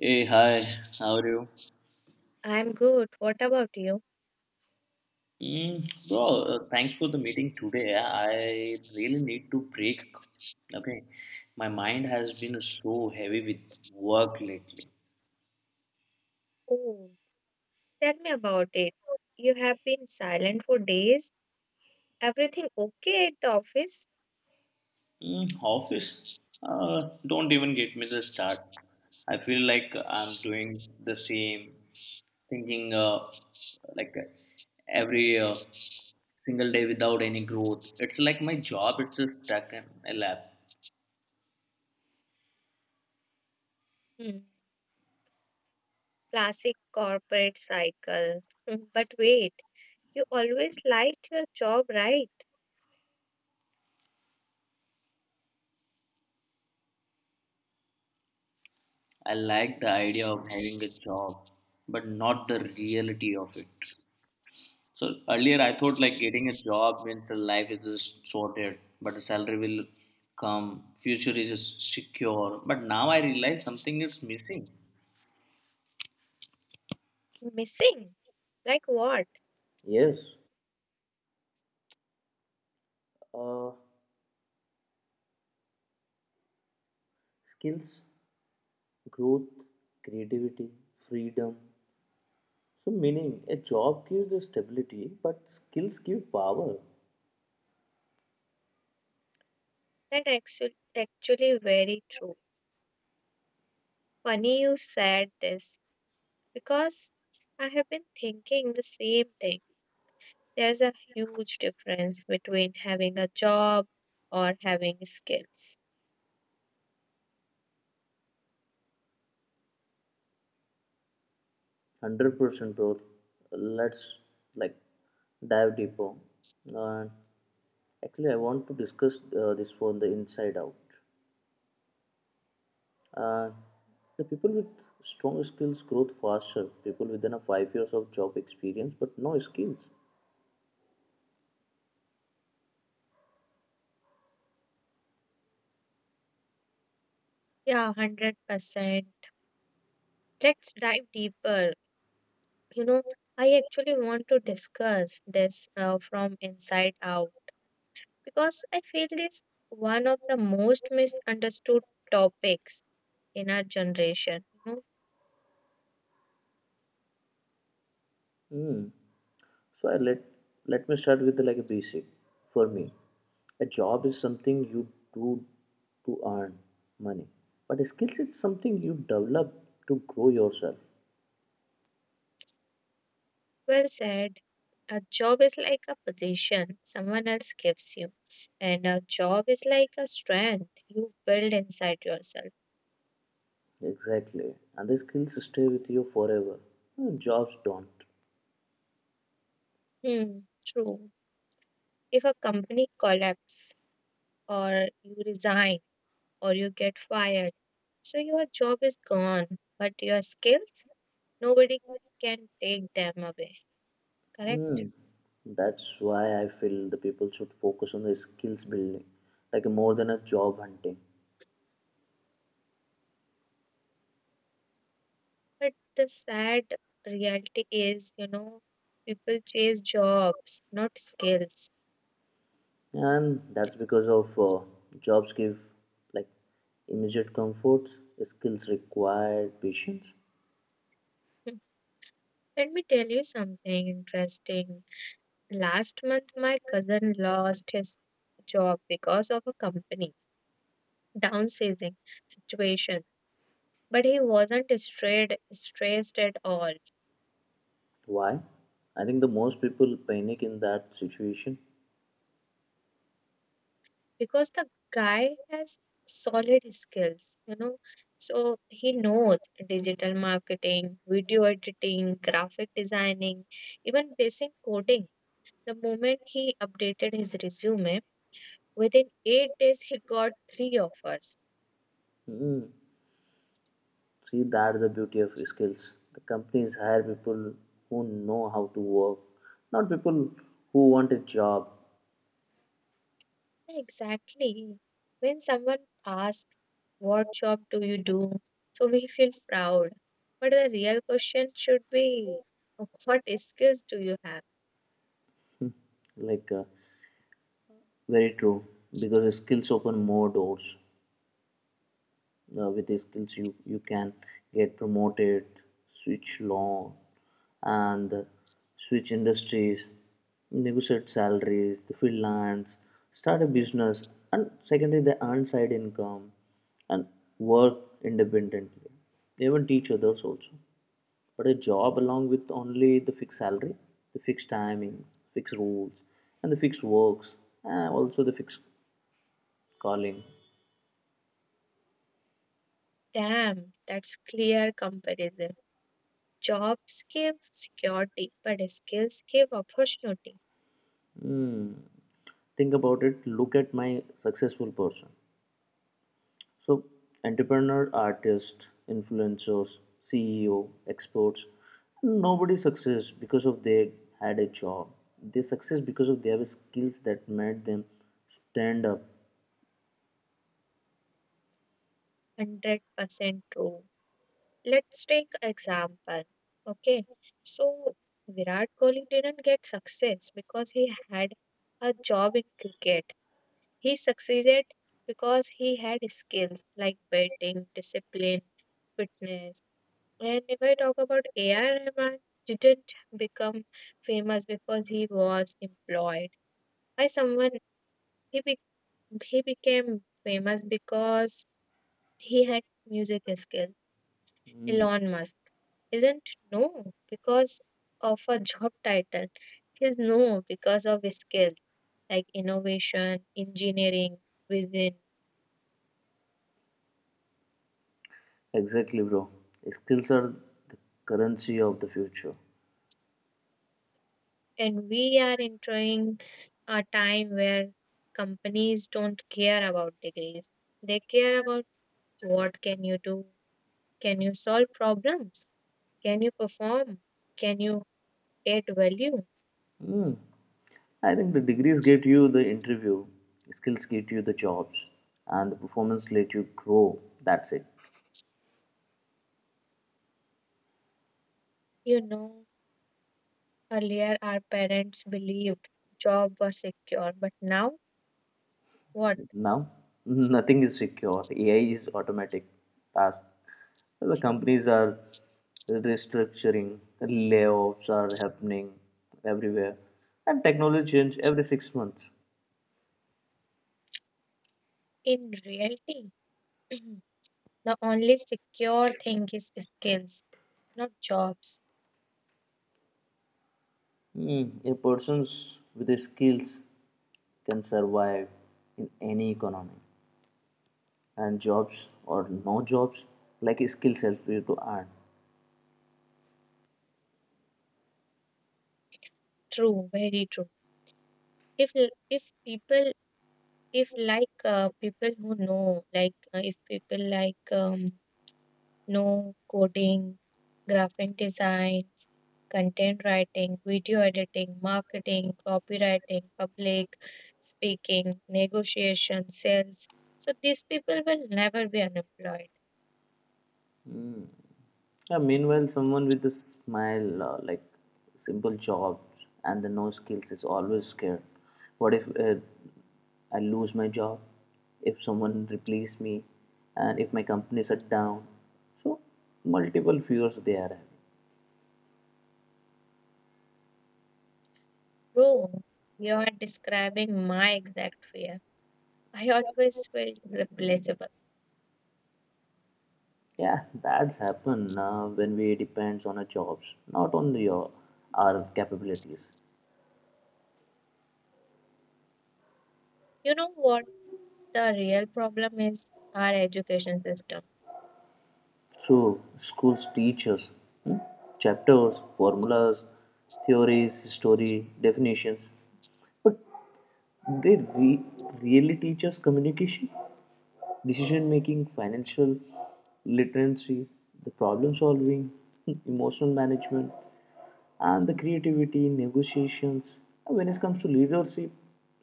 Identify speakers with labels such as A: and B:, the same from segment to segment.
A: Hey, hi, how are you?
B: I'm good. What about you?
A: Bro, thanks for the meeting today. I really need to break. Okay, my mind has been so heavy with work lately.
B: Oh, tell me about it. You have been silent for days. Everything okay at the office?
A: Mm, office? Don't even get me the start. I feel like I'm doing the same, thinking like every single day without any growth. It's like my job, it's just stuck in a lab.
B: Hmm. Classic corporate cycle. But wait, you always liked your job, right?
A: I like the idea of having a job, but not the reality of it. So earlier I thought like getting a job means the life is just sorted, but the salary will come, future is just secure. But now I realize something is missing.
B: Missing? Like what?
A: Yes, uh, skills, growth, creativity, freedom. So, meaning a job gives the stability, but skills give power.
B: That actually very true. Funny you said this because I have been thinking the same thing. There's a huge difference between having a job or having skills.
A: 100% bro, let's like dive deeper. uh, Actually, I want to discuss this from the inside out. uh, the people with strong skills grow faster, people within a 5 years of job experience but no skills.
B: Yeah, 100%. Let's dive deeper. You know, I actually want to discuss this from inside out because I feel this one of the most misunderstood topics in our generation.
A: Hmm. So I let let me start with like a basic. For me, a job is something you do to earn money, but skills is something you develop to grow yourself.
B: Well said. A job is like a position someone else gives you, and a job is like a strength you build inside yourself.
A: Exactly. And the skills stay with you forever. Jobs don't.
B: Hmm, True. If a company collapses, or you resign, or you get fired, so your job is gone, but your skills, nobody can take them away, correct?
A: Mm. That's why I feel the people should focus on the skills building, like more than a job hunting.
B: But the sad reality is, people chase jobs, not skills.
A: And that's because of jobs give like immediate comforts, skills require patience.
B: Hmm. Let me tell you something interesting. Last month, my cousin lost his job because of a company downsizing situation, but he wasn't strayed, stressed at all
A: Why? I think the most people panic in that situation.
B: because the guy has solid skills. So he knows digital marketing, video editing, graphic designing, even basic coding. The moment he updated his resume, within 8 days he got 3 offers.
A: Mm. See, that's the beauty of skills. The companies hire people who know how to work, not people who want a job.
B: Exactly. When someone asks, "What job do you do?" So we feel proud. But the real question should be, "What skills do you have?"
A: Like, very true. Because skills open more doors. With skills, you can get promoted, switch law, and switch industries, negotiate salaries, the freelance, start a business, and secondly, they earn side income and work independently. They even teach others also. But a job along with only the fixed salary, the fixed timing, fixed rules, and the fixed works, and also the fixed calling.
B: Damn, that's clear comparison. Jobs give security, but skills give opportunity.
A: Hmm. Think about it. Look at my successful person. So, entrepreneur, artist, influencers, CEO, experts. Nobody success because of they had a job. They success because of they have skills that made them stand up.
B: 100% true. Let's take example. Okay, so Virat Kohli didn't get success because he had a job in cricket. He succeeded because he had skills like batting, discipline, fitness. And if I talk about AR Rahman, didn't become famous because he was employed by someone. He, be- he became famous because he had music skills.
A: Hmm.
B: Elon Musk isn't no because of a job title. He's no because of his skills like innovation, engineering, vision.
A: Exactly, bro. Skills are the currency of the future.
B: And we are entering a time where companies don't care about degrees. They care about what can you do? Can you solve problems? Can you perform? Can you add value?
A: Hmm. I think the degrees get you the interview, skills get you the jobs, and the performance let you grow. That's it.
B: You know, Earlier our parents believed job was secure, but now what?
A: Now, nothing is secure. AI is automatic. Task. The companies are restructuring, layoffs are happening everywhere, and technology change every 6 months.
B: In reality, the only secure thing is skills, not jobs.
A: Mm, a person with the skills can survive in any economy, and jobs or no jobs, like skills help you to earn.
B: True, very true. If if people, if like, people who know, like, if people, like, know coding, graphic design, content writing, video editing, marketing, copywriting, public speaking, negotiation, sales. So these people will never be unemployed.
A: Yeah, meanwhile someone with a smile, like simple jobs and the no skills, is always scared. What if I lose my job, if someone replace me, and if my company shut down? So multiple fears they are having.
B: Bro, you are describing my exact fear. I always felt replaceable.
A: Yeah, that's happen when we depends on our jobs, not on the, our capabilities.
B: You know what? The real problem is our education system.
A: So schools teach us, hmm, chapters, formulas, theories, history, definitions, but They re- really teach us communication, decision making, financial literacy, the problem solving, emotional management, and the creativity, negotiations. And when it comes to leadership,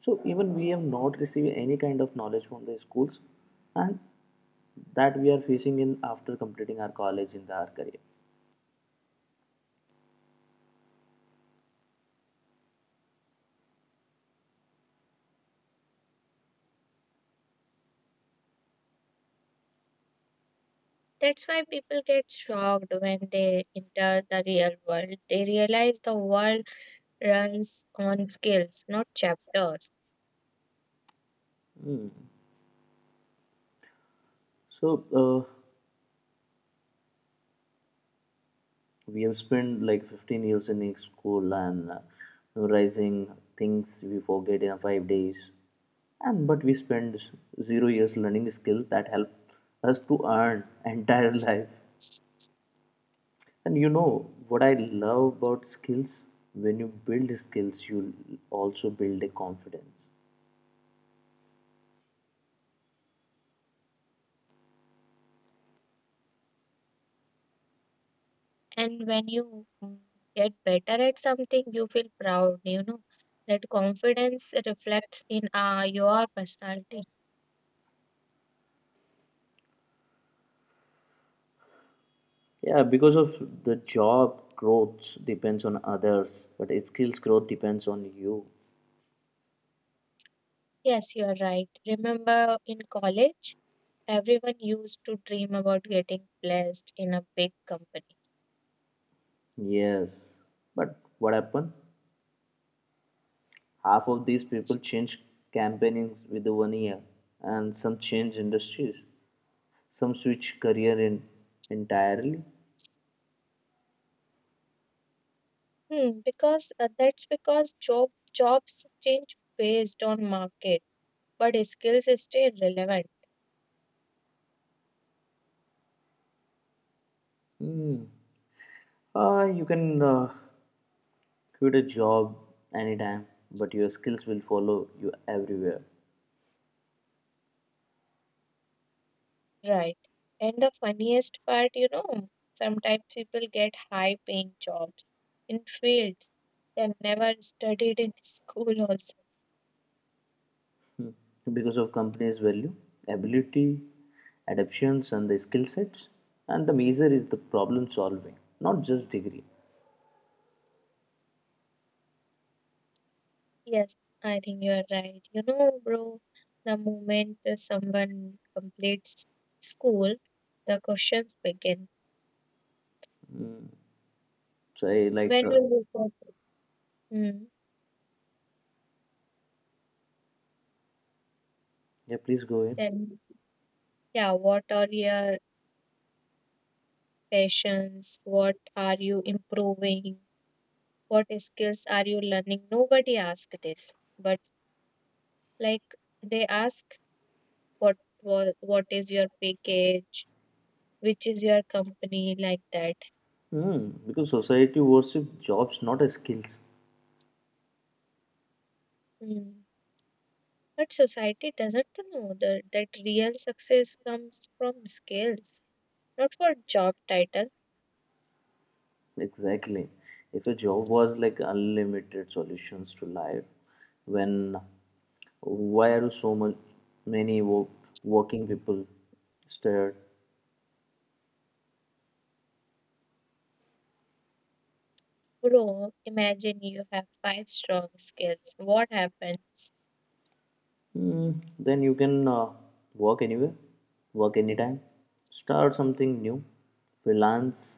A: so even we have not received any kind of knowledge from the schools, and that we are facing in after completing our college in our career.
B: That's why people get shocked when they enter the real world. They realize the world runs on skills, not chapters.
A: So. Uh, we have spent like 15 years in each school and memorizing things we forget in 5 days, and but we spend 0 years learning skills that help us to earn entire life. And you know what I love about skills, when you build skills you also build a confidence.
B: And when you get better at something, you feel proud. That confidence reflects in your personality.
A: Yeah, because of the job growth depends on others, but skills growth depends on you.
B: Yes, you are right. Remember in college, everyone used to dream about getting placed in a big company.
A: Yes, but what happened? Half of these people change companies within 1 year, and some change industries. Some switch career in entirely.
B: Because that's because jobs change based on market, but skills stay relevant,
A: Hmm. You can quit a job anytime, but your skills will follow you everywhere.
B: right? And the funniest part, sometimes people get high paying jobs in fields they never studied in school, also.
A: Hmm. Because of companies' value, ability, adaptations, and the skill sets. And the major is the problem solving, not just degree.
B: Yes, I think you are right. Bro, the moment someone completes school, the questions begin.
A: So, I like,
B: When will you graduate? Hmm.
A: yeah, please go ahead.
B: Then, yeah, what are your passions? What are you improving? What skills are you learning? Nobody asks this, but like they ask, what is your package, which is your company, like that.
A: Hmm. Because society worship jobs, not as skills.
B: Mm. But society doesn't know that real success comes from skills, not for job title.
A: Exactly. If a job was like unlimited solutions to life, when why are so much many work, working people stared?
B: Bro, imagine you have five strong skills. What happens?
A: Mm, then you can work anywhere, work anytime, start something new, freelance,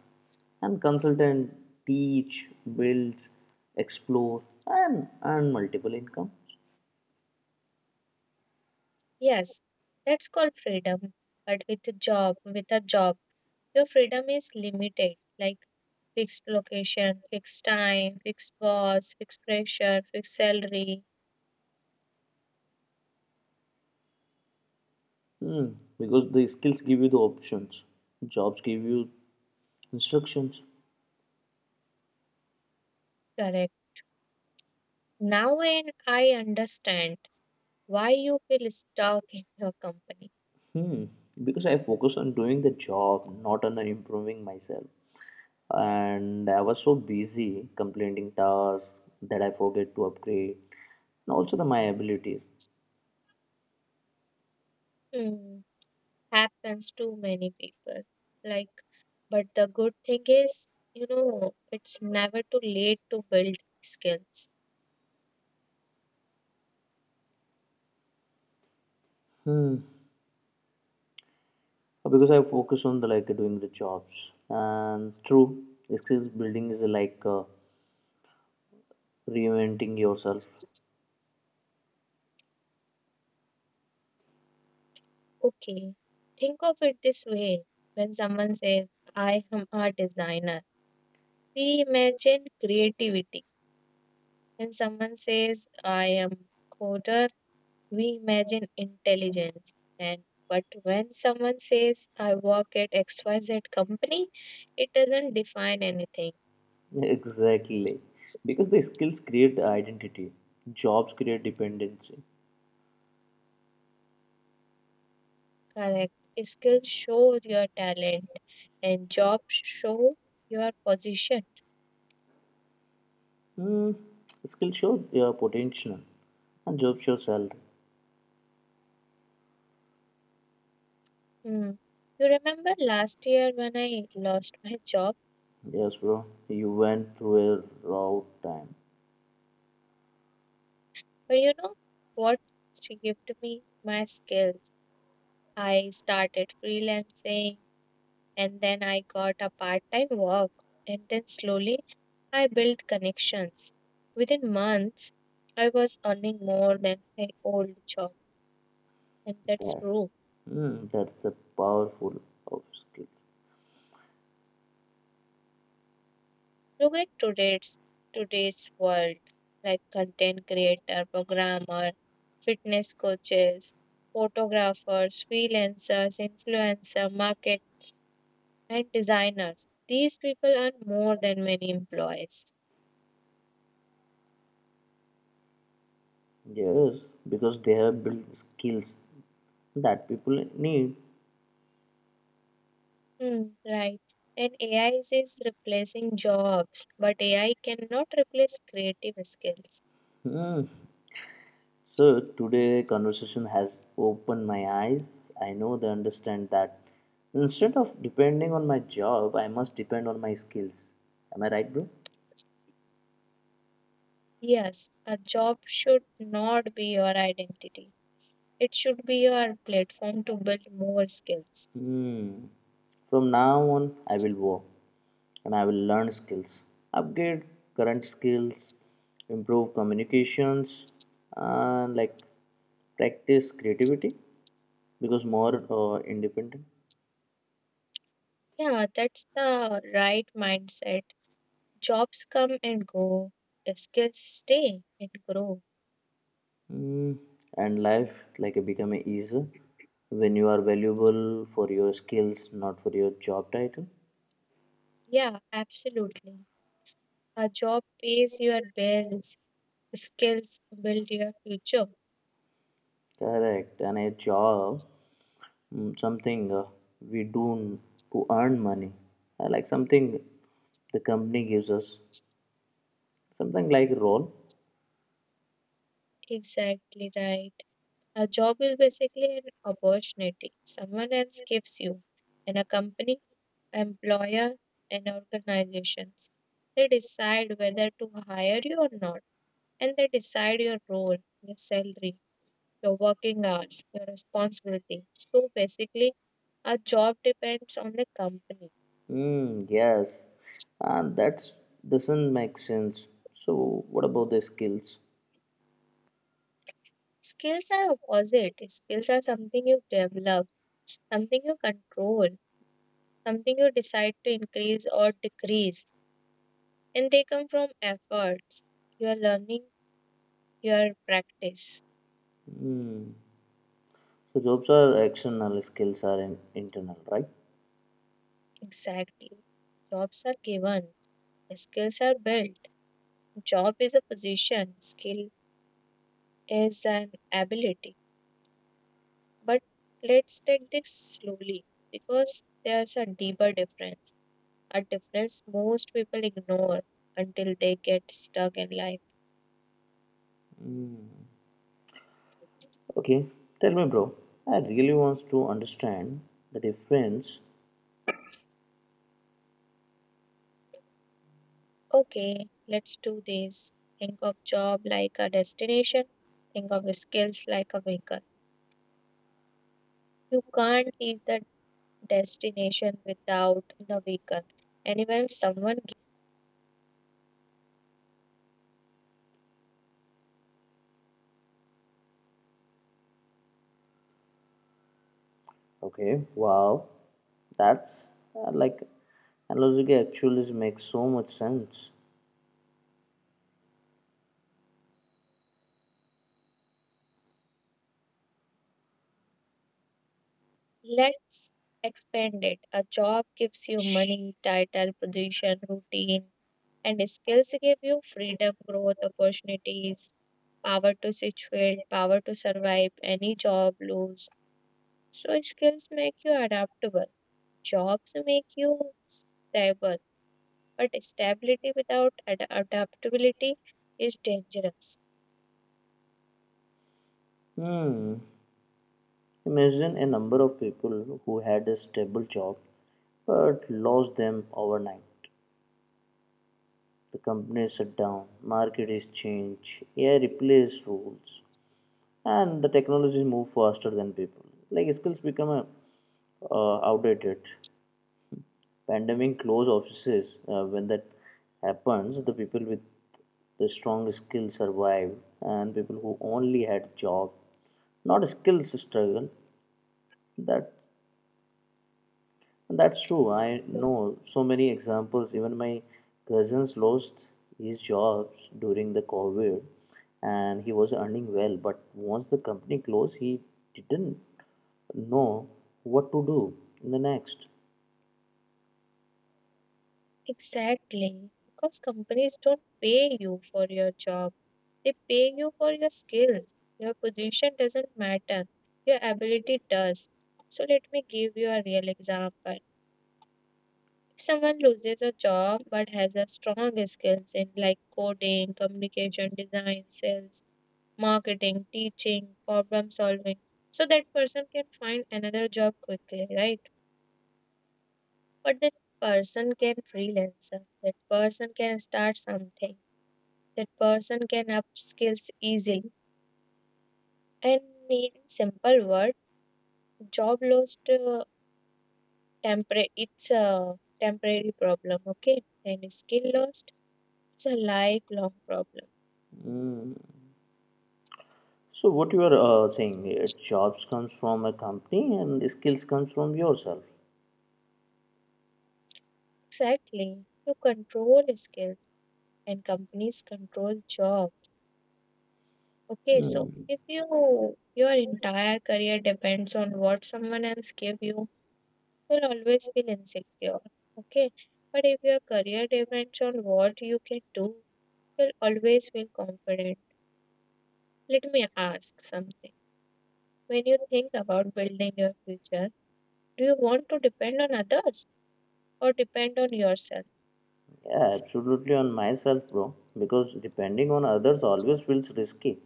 A: and consultant, teach, build, explore, and earn multiple incomes.
B: Yes, that's called freedom. But with a job, your freedom is limited. Like, fixed location, fixed time, fixed boss, fixed pressure, fixed salary.
A: Hmm, because the skills give you the options, jobs give you instructions.
B: Correct. Now, and I understand why you feel stuck in your company.
A: Hmm, because I focus on doing the job, not on improving myself. And I was so busy completing tasks that I forget to upgrade, and also the my abilities.
B: Hmm. Happens to many people. Like, but the good thing is, it's never too late to build skills.
A: Hmm, because I focus on the like doing the jobs. And true, skills building is like reinventing yourself.
B: Okay. Think of it this way. When someone says, "I am a designer," we imagine creativity. When someone says, "I am coder," we imagine intelligence, and but when someone says I work at XYZ company, it doesn't define anything.
A: Exactly. Because the skills create identity, jobs create dependency.
B: Correct. Skills show your talent, and jobs show your position.
A: Hmm. Skills show your potential, and jobs show salary.
B: Hmm. You remember last year when I lost my job?
A: Yes, bro, you went through a raw time.
B: But you know what she gave to me? My skills. I started freelancing, and then I got a part-time work, and then slowly I built connections. Within months, I was earning more than my old job, and that's
A: That,
B: true.
A: That's the powerful of skills.
B: Look at today's world, like content creator, programmer, fitness coaches, photographers, freelancers, influencer, market, and designers. These people earn more than many employees.
A: Yes, because they have built skills that people need.
B: Hmm, right. And AI is replacing jobs, but AI cannot replace creative skills.
A: Hmm, so today conversation has opened my eyes. I know they understand that instead of depending on my job, I must depend on my skills. Am I right, bro?
B: Yes, a job should not be your identity. It should be your platform to build more skills.
A: Hmm. From now on, I will work and I will learn skills, upgrade current skills, improve communications, and like practice creativity because more independent.
B: Yeah, that's the right mindset. Jobs come and go, skills stay and grow.
A: Mm, and life like it become easier when you are valuable for your skills, not for your job title.
B: Yeah, absolutely. A job pays your bills, skills build your future.
A: Correct. And a job, mm, something we do to earn money. Like something the company gives us, something like role.
B: Exactly right. A job is basically an opportunity someone else gives you, and a company, employer, and organizations. They decide whether to hire you or not, and they decide your role, your salary, your working hours, your responsibility. So basically, a job depends on the company.
A: Mm, yes, and that's doesn't make sense. So what about the skills?
B: Skills are opposite. Skills are something you develop, something you control, something you decide to increase or decrease, and they come from efforts, your learning, your practice.
A: Mm. So jobs are external, skills are internal, right?
B: Exactly. Jobs are given. Skills are built. Job is a position, skill is an ability. But let's take this slowly because there's a deeper difference, a difference most people ignore until they get stuck in life.
A: Okay, tell me, bro. I really wants to understand the difference.
B: Okay, let's do this. Think of job like a destination, think of skills like a vehicle. You can't leave the destination without the vehicle. And even if someone.
A: Okay, wow, that's like analogy actually makes so much sense.
B: Let's expand it. A job gives you money, title, position, routine, and skills give you freedom, growth, opportunities, power to switch field, power to survive any job lose. So skills make you adaptable. Jobs make you stable, but stability without adaptability is dangerous.
A: Hmm. Imagine a number of people who had a stable job but lost them overnight. The company shut down, market is changed, AI replaced rules, and the technologies move faster than people. Like skills become outdated, pandemic close offices when that happens, the people with the strong skills survive, and people who only had job not skills struggle. That, that's true. I know so many examples. Even my cousins lost his jobs during the COVID, and he was earning well, but once the company closed he didn't know what to do in the next.
B: Exactly, because companies don't pay you for your job. They pay you for your skills. Your position doesn't matter, your ability does. So, let me give you a real example. If someone loses a job but has a strong skills in like coding, communication, design, sales, marketing, teaching, problem solving, so that person can find another job quickly, right? But that person can freelancer. That person can start something. That person can up skills easily. And in simple word, job lost, temporary it's a temporary problem, okay? And skill lost, it's a lifelong problem.
A: Mm, so what you are saying, jobs comes from a company and skills comes from yourself.
B: Exactly. You control skills, and companies control job. Okay, so
A: Hmm.
B: if your entire career depends on what someone else give you, you'll always feel insecure. Okay. But if your career depends on what you can do, will always feel confident. Let me ask something. When you think about building your future, do you want to depend on others or depend on yourself?
A: Yeah, absolutely on myself, bro. Because depending on others always feels risky.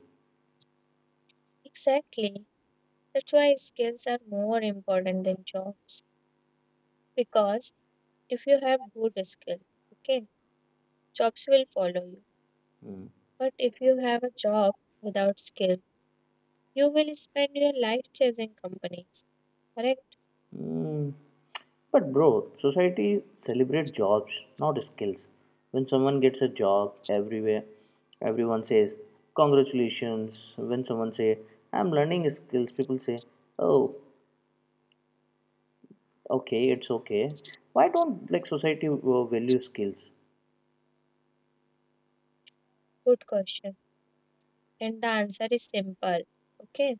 B: Exactly. That's why skills are more important than jobs. Because if you have good skills, okay, jobs will follow you. But if you have a job without skill, you will spend your life chasing companies. Correct?
A: Hmm. But bro, society celebrate jobs, not skills. When someone gets a job everywhere, everyone says congratulations. When someone say I'm learning skills, people say, oh, okay, it's okay. Why don't like society value skills?
B: Good question. And the answer is simple. Okay.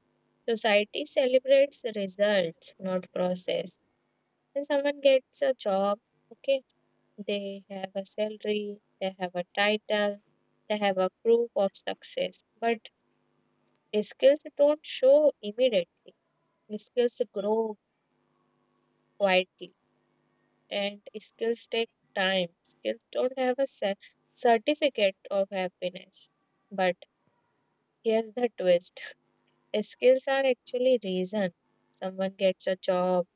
B: Society celebrates results, not process. When someone gets a job, okay, they have a salary, they have a title, they have a proof of success. But skills don't show immediately. Skills grow quietly, and skills take time. Skills don't have a certificate of happiness. But here's the twist: skills are actually reason someone gets a job.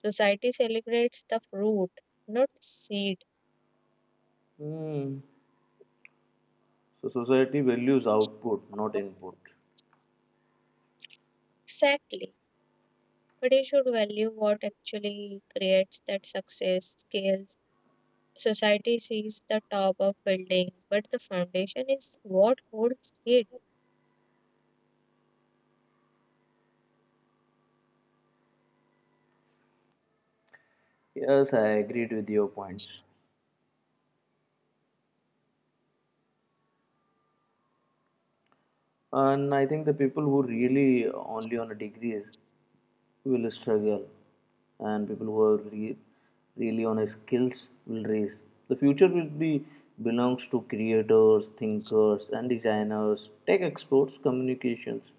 B: Society celebrates the fruit, not seed.
A: Hmm. So society values output, not input.
B: Exactly. But you should value what actually creates that success, skills. Society sees the top of building, but the foundation is what holds it.
A: Yes, I agreed with your points. And I think the people who really only on a degrees will struggle, and people who are really on a skills will raise. The future will be belongs to creators, thinkers, and designers, tech experts, communications,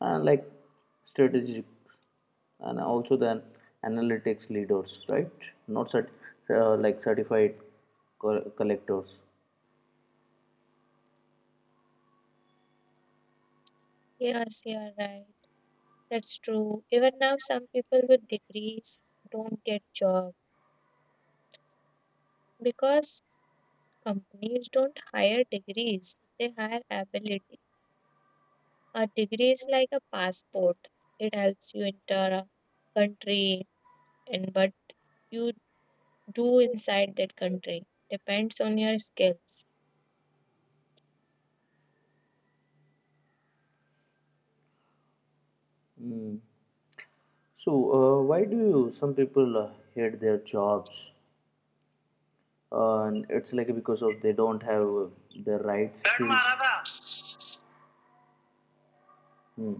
A: and like strategic, and also then analytics leaders, right, not like certified collectors.
B: Yes, you are right. That's true. Even now, some people with degrees don't get job because companies don't hire degrees. They hire ability. A degree is like a passport. It helps you enter a country, and what you do inside that country depends on your skills.
A: Mm. So why do some people hate their jobs? And it's like because of they don't have the right skills. Hmm.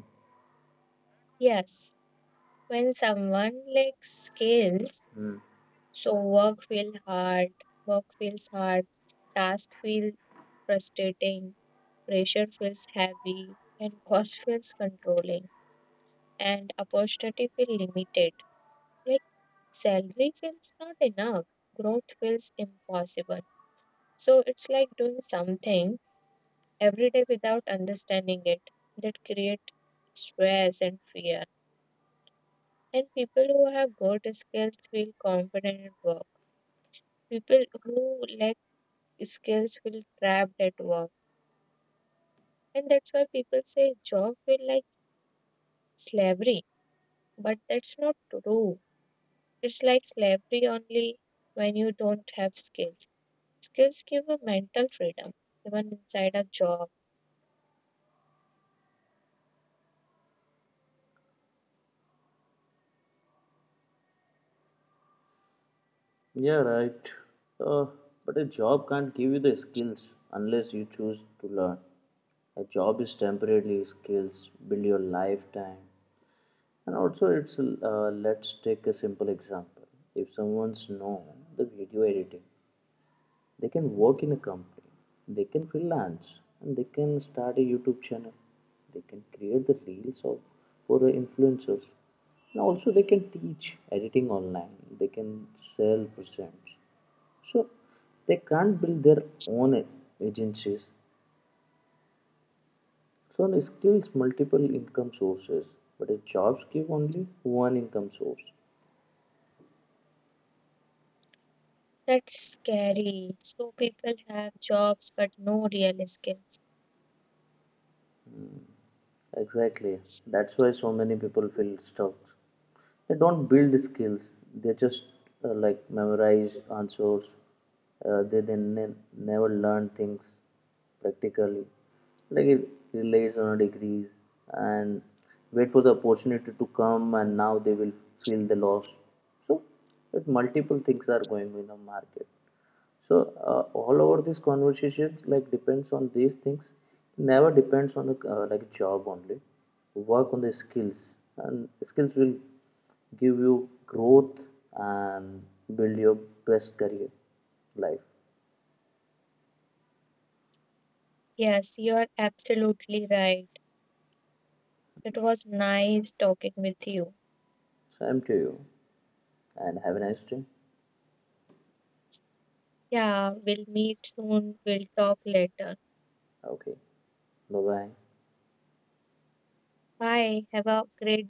B: Yes, when someone lacks skills,
A: Hmm.
B: so work feels hard, task feel frustrating, pressure feels heavy, and boss feels controlling, and opportunity feel limited. Like, salary feels not enough, growth feels impossible. So it's like doing something every day without understanding it that create stress and fear. And people who have good skills feel confident at work. People who lack skills feel trapped at work. And that's why people say job feel like slavery. But that's not true. It's like slavery only when you don't have skills. Skills give a mental freedom even inside a job.
A: Yeah, right. Uh, but a job can't give you the skills unless you choose to learn. A job is temporarily, skills build your lifetime. And also, it's let's take a simple example. If someone's known the video editing, they can work in a company, they can freelance, and they can start a YouTube channel. They can create the reels of, for the influencers. And also, they can teach editing online. They can sell presents. So, they can't build their own agencies. So, the skills multiple income sources, but the jobs give only 1 income source.
B: That's scary. So people have jobs but no real skills.
A: Exactly. That's why so many people feel stuck. They don't build skills. They just like memorize answers. They then never learn things practically. Like it relies on degrees and wait for the opportunity to come, and now they will feel the loss. So, with multiple things are going in the market. So all over these conversations like depends on these things. Never depends on the like job only. Work on the skills, and skills will give you growth and build your best career life.
B: Yes, you're absolutely right. It was nice talking with you.
A: Same to you, and have a nice day.
B: Yeah, we'll meet soon. We'll talk later.
A: Okay, bye bye.
B: Bye. Have a great